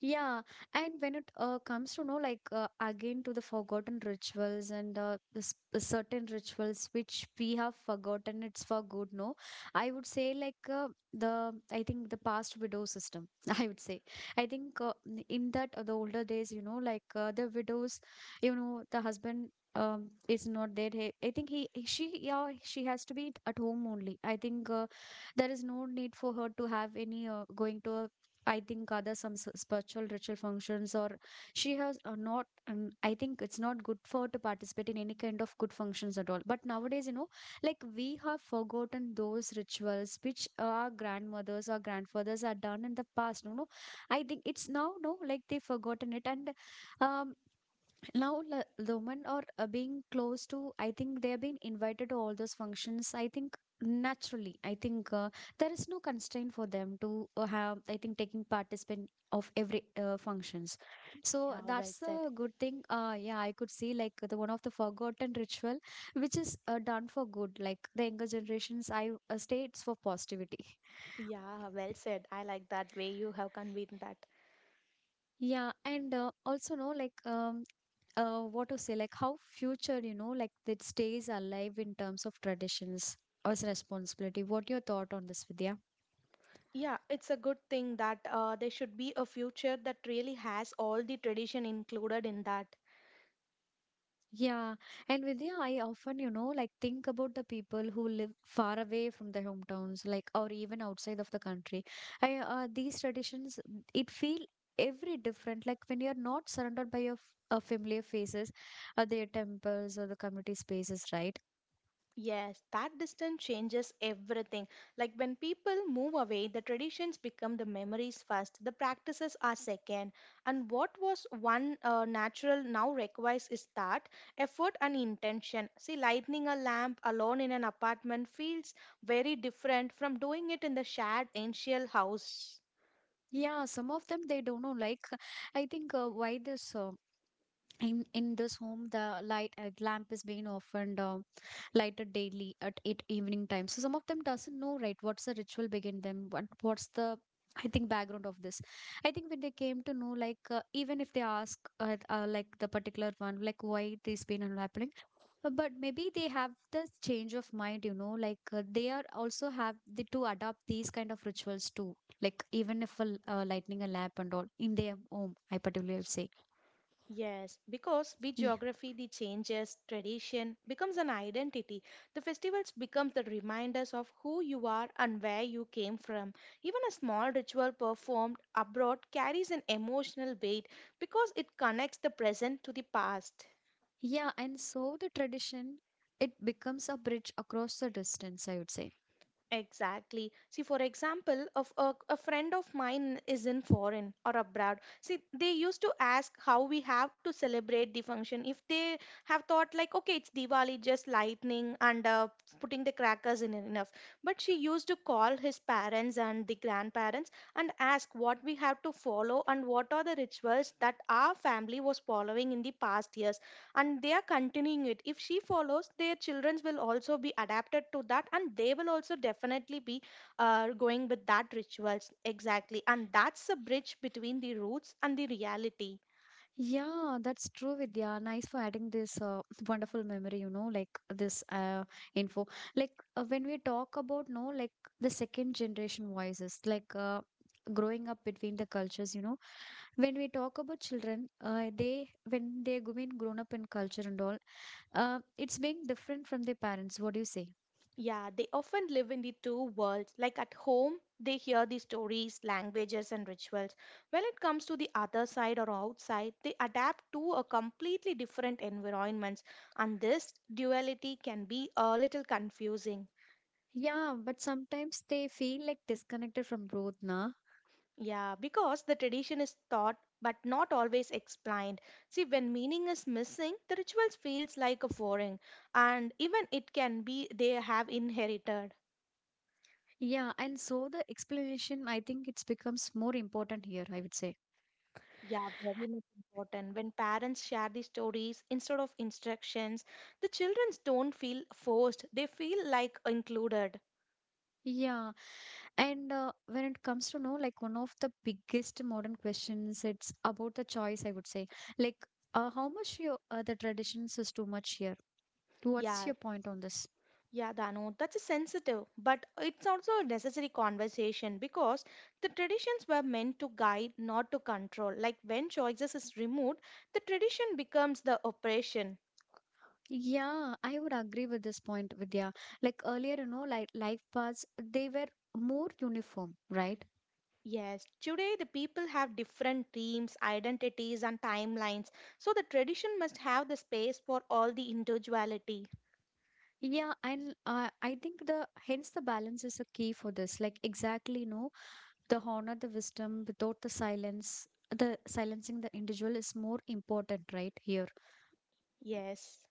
S1: Yeah, and when it comes to know like again to the forgotten rituals, and the certain rituals which we have forgotten, it's for good. No, I would say like the I think the past widow system. I would say I think in that the older days, you know, like the widows, you know, the husband. Is not there. He, I think he, she, yeah, she has to be at home only. I think there is no need for her to have any going to a I think other some spiritual ritual functions, or she has not I think it's not good for her to participate in any kind of good functions at all. But nowadays, you know, like we have forgotten those rituals which our grandmothers or grandfathers are done in the past, you know. I think it's now, no, like they've forgotten it, and um now the women are being close to, I think they have been invited to all those functions. I think naturally, I think there is no constraint for them to have, I think taking participant of every functions, so
S2: Yeah, well
S1: that's
S2: said.
S1: a good thing. Yeah, I could see like the one of the forgotten ritual which is done for good, like the younger generations, I states for positivity.
S2: Yeah, well said. I like that way you have conveyed that.
S1: Yeah, and also, no, like what to say, like how future, you know, like it stays alive in terms of traditions as responsibility. What your thought on this, Vidya?
S2: Yeah, it's a good thing that there should be a future that really has all the tradition included in that.
S1: Yeah, and Vidya, I often, you know, like think about the people who live far away from their hometowns, like or even outside of the country. I, these traditions, mm, it feel every different. Like when you are not surrounded by your familiar faces, their temples or the community spaces, right?
S2: Yes, that distance changes everything. Like when people move away, the traditions become the memories first, the practices are second. And what was one natural now requires is that effort and intention. See, lighting a lamp alone in an apartment feels very different from doing it in the shared ancient house.
S1: Yeah, some of them they don't know. Like I think why this in this home the light lamp is being often lighted daily at it evening time, so some of them doesn't know, right, what's the ritual behind them, what's the I think background of this. I think when they came to know, like even if they ask, like the particular one, like why this been happening, but maybe they have this change of mind, you know, like they are also have the to adopt these kind of rituals too, like even if lightning a lamp and all in their home, I particularly would say.
S2: Yes, because with geography, the changes, tradition becomes an identity. The festivals become the reminders of who you are and where you came from. Even a small ritual performed abroad carries an emotional weight because it connects the present to the past.
S1: Yeah, and so the tradition, it becomes a bridge across the distance, I would say.
S2: Exactly. See, for example, of a friend of mine is in foreign or abroad. See, they used to ask how we have to celebrate the function. If they have thought like, okay, it's Diwali, just lightning and putting the crackers in it enough. But she used to call his parents and the grandparents and ask what we have to follow and what are the rituals that our family was following in the past years and they are continuing it. If she follows, their children will also be adapted to that and they will also definitely be going with that rituals exactly, and that's the bridge between the roots and the reality.
S1: Yeah, that's true, Vidya. Nice for adding this wonderful memory, you know, like this info. Like when we talk about, no, like the second generation voices, like growing up between the cultures, you know, when we talk about children, they, when they're being grown up in culture and all, it's being different from their parents. What do you say?
S2: Yeah, they often live in the two worlds. Like at home they hear the stories, languages and rituals. When it comes to the other side or outside, they adapt to a completely different environments, and this duality can be a little confusing.
S1: Yeah, but sometimes they feel like disconnected from both, na?
S2: Yeah, because the tradition is taught but not always explained. See, when meaning is missing, the rituals feels like a foreign, and even it can be they have inherited.
S1: Yeah, and so the explanation, I think it's becomes more important here, I would say.
S2: Yeah, very much important. When parents share the stories instead of instructions, the children don't feel forced. They feel like included.
S1: Yeah, and when it comes to know, like one of the biggest modern questions, it's about the choice, I would say. Like, how much your the traditions is too much here? What's
S2: Yeah,
S1: your point on this?
S2: yeah, Danu, that's a sensitive, but it's also a necessary conversation because the traditions were meant to guide, not to control. Like when choices is removed, the tradition becomes the oppression.
S1: Yeah, I would agree with this point, Vidya. Like earlier, you know, like life paths, they were more uniform, right?
S2: Yes, today the people have different dreams, identities, and timelines, so the tradition must have the space for all the individuality.
S1: Yeah, and I think the hence the balance is a key for this. Like exactly, no, the honor the wisdom without the silence the silencing the individual is more important right here.
S2: Yes,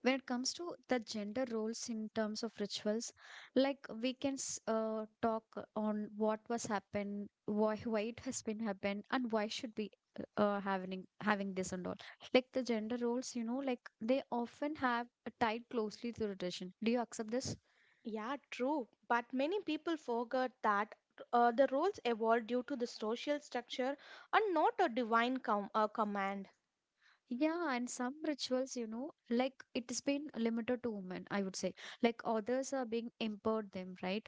S1: When it comes to the gender roles in terms of rituals, like we can talk on what was happened, why it has been happened and why should be having having this and all. Like the gender roles, you know, like they often have tied closely to tradition, do you accept this?
S2: yeah, true, but many people forget that the roles evolved due to the social structure and not a divine command.
S1: Yeah, and some rituals, you know, like it's been limited to women, I would say. Like others are being empowered them, right?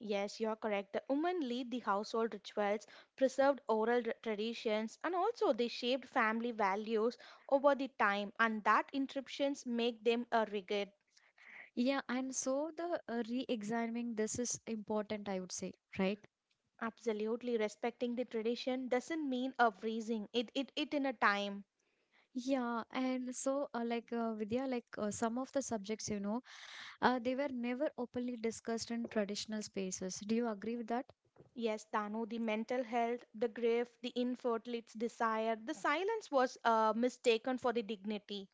S2: Yes, you're correct. The women lead the household rituals, preserved oral traditions, and also they shaped family values over the time, and that interruptions make them a rigid.
S1: Yeah, and so the re-examining this is important, I would say, right?
S2: Absolutely, respecting the tradition doesn't mean a freezing. It in a time.
S1: Yeah, and so like Vidya, like some of the subjects, you know, they were never openly discussed in traditional spaces. Do you agree with that?
S2: Yes, Danu, the mental health, the grief, the infertility's desire, the silence was mistaken for the dignity.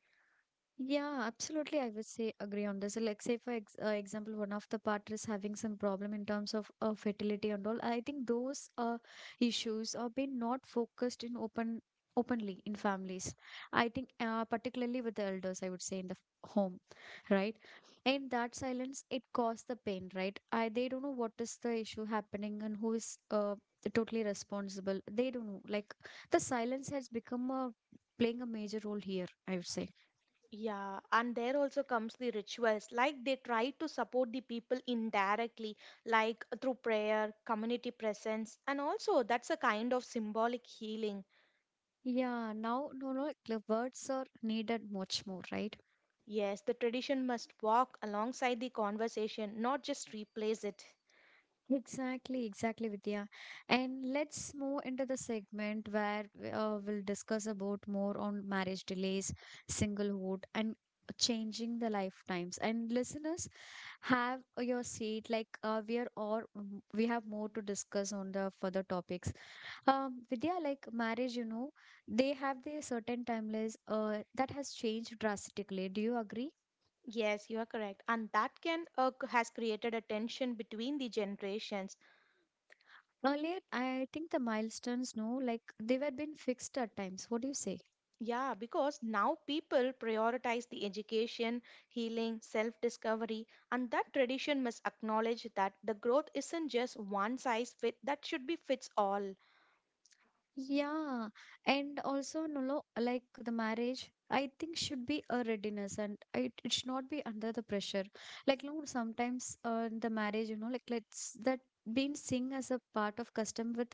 S1: Yeah, absolutely. I would say agree on this. Like, say for ex example, one of the partner is having some problem in terms of fertility and all. I think those issues are being not focused in open openly in families. I think particularly with the elders, I would say in the home, right? In that silence, it caused the pain, right? I they don't know what is the issue happening, and who is totally responsible. They don't know. Like the silence has become a playing a major role here, I would say.
S2: Yeah, and there also comes the rituals. Like they try to support the people indirectly, like through prayer, community presence, and also that's a kind of symbolic healing.
S1: Yeah, now no no the words are needed much more, right?
S2: Yes, the tradition must walk alongside the conversation, not just replace it.
S1: Exactly, exactly, Vidya. And let's move into the segment where we'll discuss about more on marriage delays, singlehood, and changing the lifetimes. And listeners, have your seat. Like we are all, mm, we have more to discuss on the further topics. Vidya, like marriage, you know, they have their certain timelines that has changed drastically. Do you agree?
S2: Yes, you are correct. And that can has created a tension between the generations.
S1: Earlier, I think the milestones, no, like they were been fixed at times. What do you say?
S2: Yeah, because now people prioritize the education, healing, self discovery, and that tradition must acknowledge that the growth isn't just one size fit that should be fits all.
S1: Yeah, and also, no, no, like the marriage, I think should be a readiness, and it should not be under the pressure. Like, no, sometimes in the marriage, like let's that been seen as a part of custom with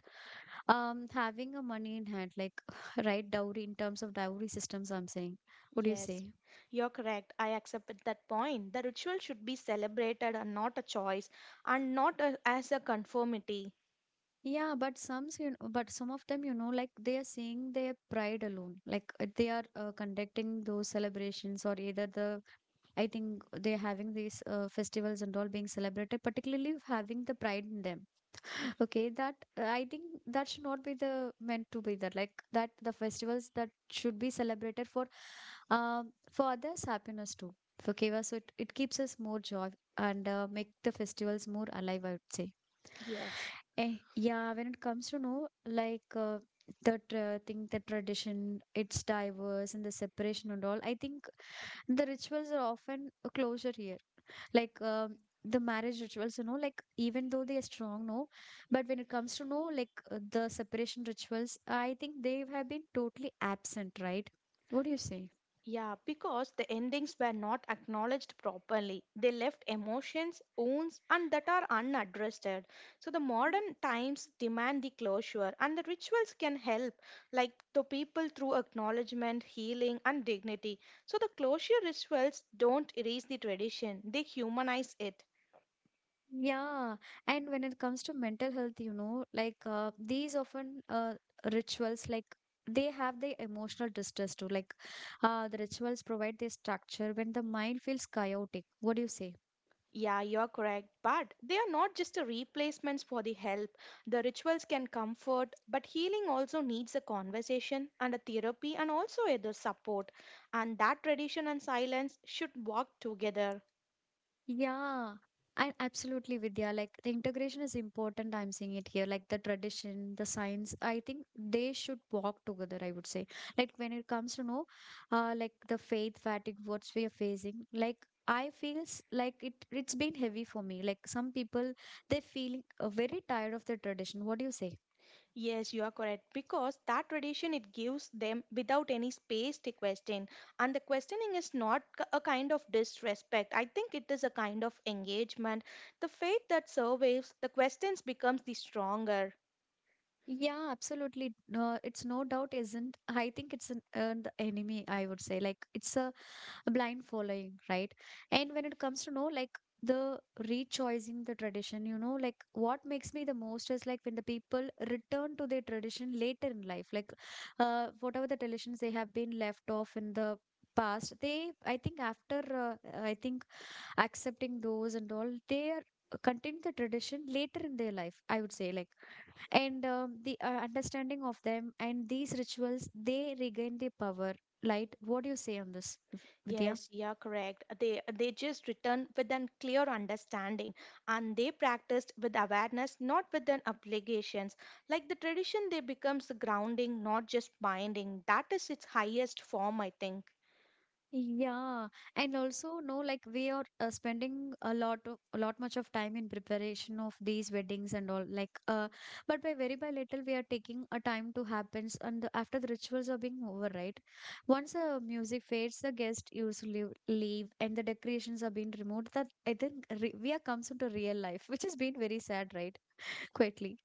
S1: having a money in hand, like right dowry in terms of dowry systems. I'm saying, what do you
S2: Yes,
S1: say?
S2: you're correct. I accept at that point. The ritual should be celebrated and not a choice and not a, as a conformity.
S1: Yeah, but some of them, like they are seeing their pride alone. Like they are conducting those celebrations, or either the, I think they're having these festivals and all being celebrated, particularly having the pride in them. Okay, that I think that should not be the meant to be that. Like that, the festivals that should be celebrated for others' happiness too. Okay, well, so it keeps us more joy and make the festivals more alive, I would say.
S2: Yes.
S1: Yeah, when it comes to know like the thing, the tradition, it's diverse and the separation and all. I think the rituals are often a closure here. Like the marriage rituals, you know, like even though they are strong, no, but when it comes to know like the separation rituals, I think they have been totally absent, right? What do you say?
S2: Yeah, because the endings were not acknowledged properly. They left emotions, wounds, and that are unaddressed. So the modern times demand the closure, and the rituals can help, like the people through acknowledgement, healing, and dignity. So the closure rituals don't erase the tradition; they humanize it.
S1: Yeah, and when it comes to mental health, you know, like these often rituals, like they have the emotional distress too. Like the rituals provide the structure when the mind feels chaotic. What do you say?
S2: Yeah, you're correct. But they are not just a replacements for the help. The rituals can comfort, but healing also needs a conversation and a therapy and also other support. And that tradition and silence should work together.
S1: Yeah, and absolutely, Vidya. Like the integration is important. I'm seeing it here. Like the tradition, the science. I think they should walk together. I would say. Like when it comes to know, like the faith fatigue, what we are facing. Like I feels like it. It's been heavy for me. Like some people, they're feeling very tired of the tradition. What do you say?
S2: Yes, you are correct because that tradition it gives them without any space to question, and the questioning is not a kind of disrespect. I think it is a kind of engagement. The faith that survives, the questions becomes the stronger.
S1: Yeah, absolutely. No, it's no doubt isn't. I think it's the enemy, I would say. Like it's a blind following, right? And when it comes to know like the rechoosing the tradition, you know, like what makes me the most is like when the people return to their tradition later in life, like whatever the traditions they have been left off in the past, they I think after I think accepting those and all, they are continue the tradition later in their life, I would say. Like and the understanding of them and these rituals they regain their power light. What do you say on this, Vidya?
S2: Yes, you're correct. They just return with an clear understanding and they practiced with awareness, not with an obligations. Like the tradition, they becomes grounding, not just binding. That is its highest form, I think.
S1: Yeah, and also no, like we are spending a lot much of time in preparation of these weddings and all. Like, but by very by little we are taking a time to happens, and after the rituals are being over, right? Once the music fades, the guest usually leave, and the decorations are being removed. That I think re we are comes into real life, which has been very sad, right? Quietly.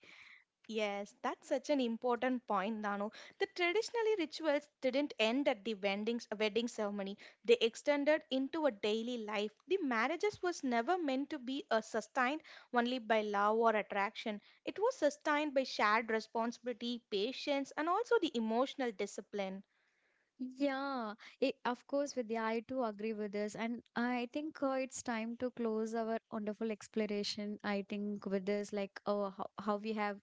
S2: Yes, that's such an important point, Dano. The traditionally rituals didn't end at the wedding ceremony. They extended into a daily life. The marriages was never meant to be sustained only by love or attraction. It was sustained by shared responsibility, patience, and also the emotional discipline.
S1: Yeah, it, of course, Vidya, I too agree with this. And I think it's time to close our wonderful exploration. I think with this, like how we have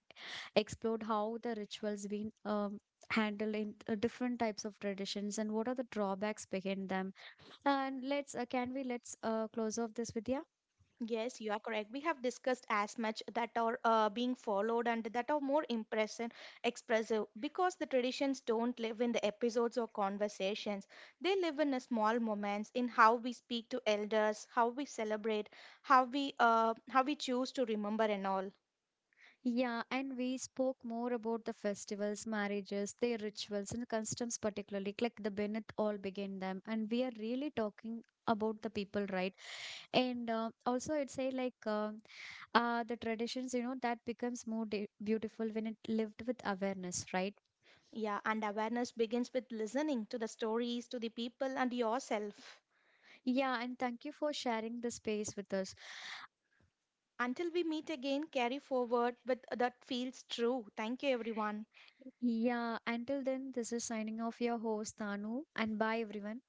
S1: explored how the rituals been handled in different types of traditions and what are the drawbacks behind them. And let's, can we let's close off this, Vidya?
S2: Yes, you are correct. We have discussed as much that are being followed and that are more impressive, expressive because the traditions don't live in the episodes or conversations. They live in a small moments in how we speak to elders, how we celebrate, how we choose to remember and all.
S1: Yeah, and we spoke more about the festivals, marriages, their rituals and customs particularly, like the Bennett all began them. And we are really talking about the people, right? And also, I'd say like the traditions, you know, that becomes more beautiful when it lived with awareness, right?
S2: Yeah, and awareness begins with listening to the stories, to the people, and yourself.
S1: Yeah, and thank you for sharing the space with us.
S2: Until we meet again, carry forward with that feels true. Thank you, everyone.
S1: Yeah, until then, this is signing off, your host Tanu, and bye everyone.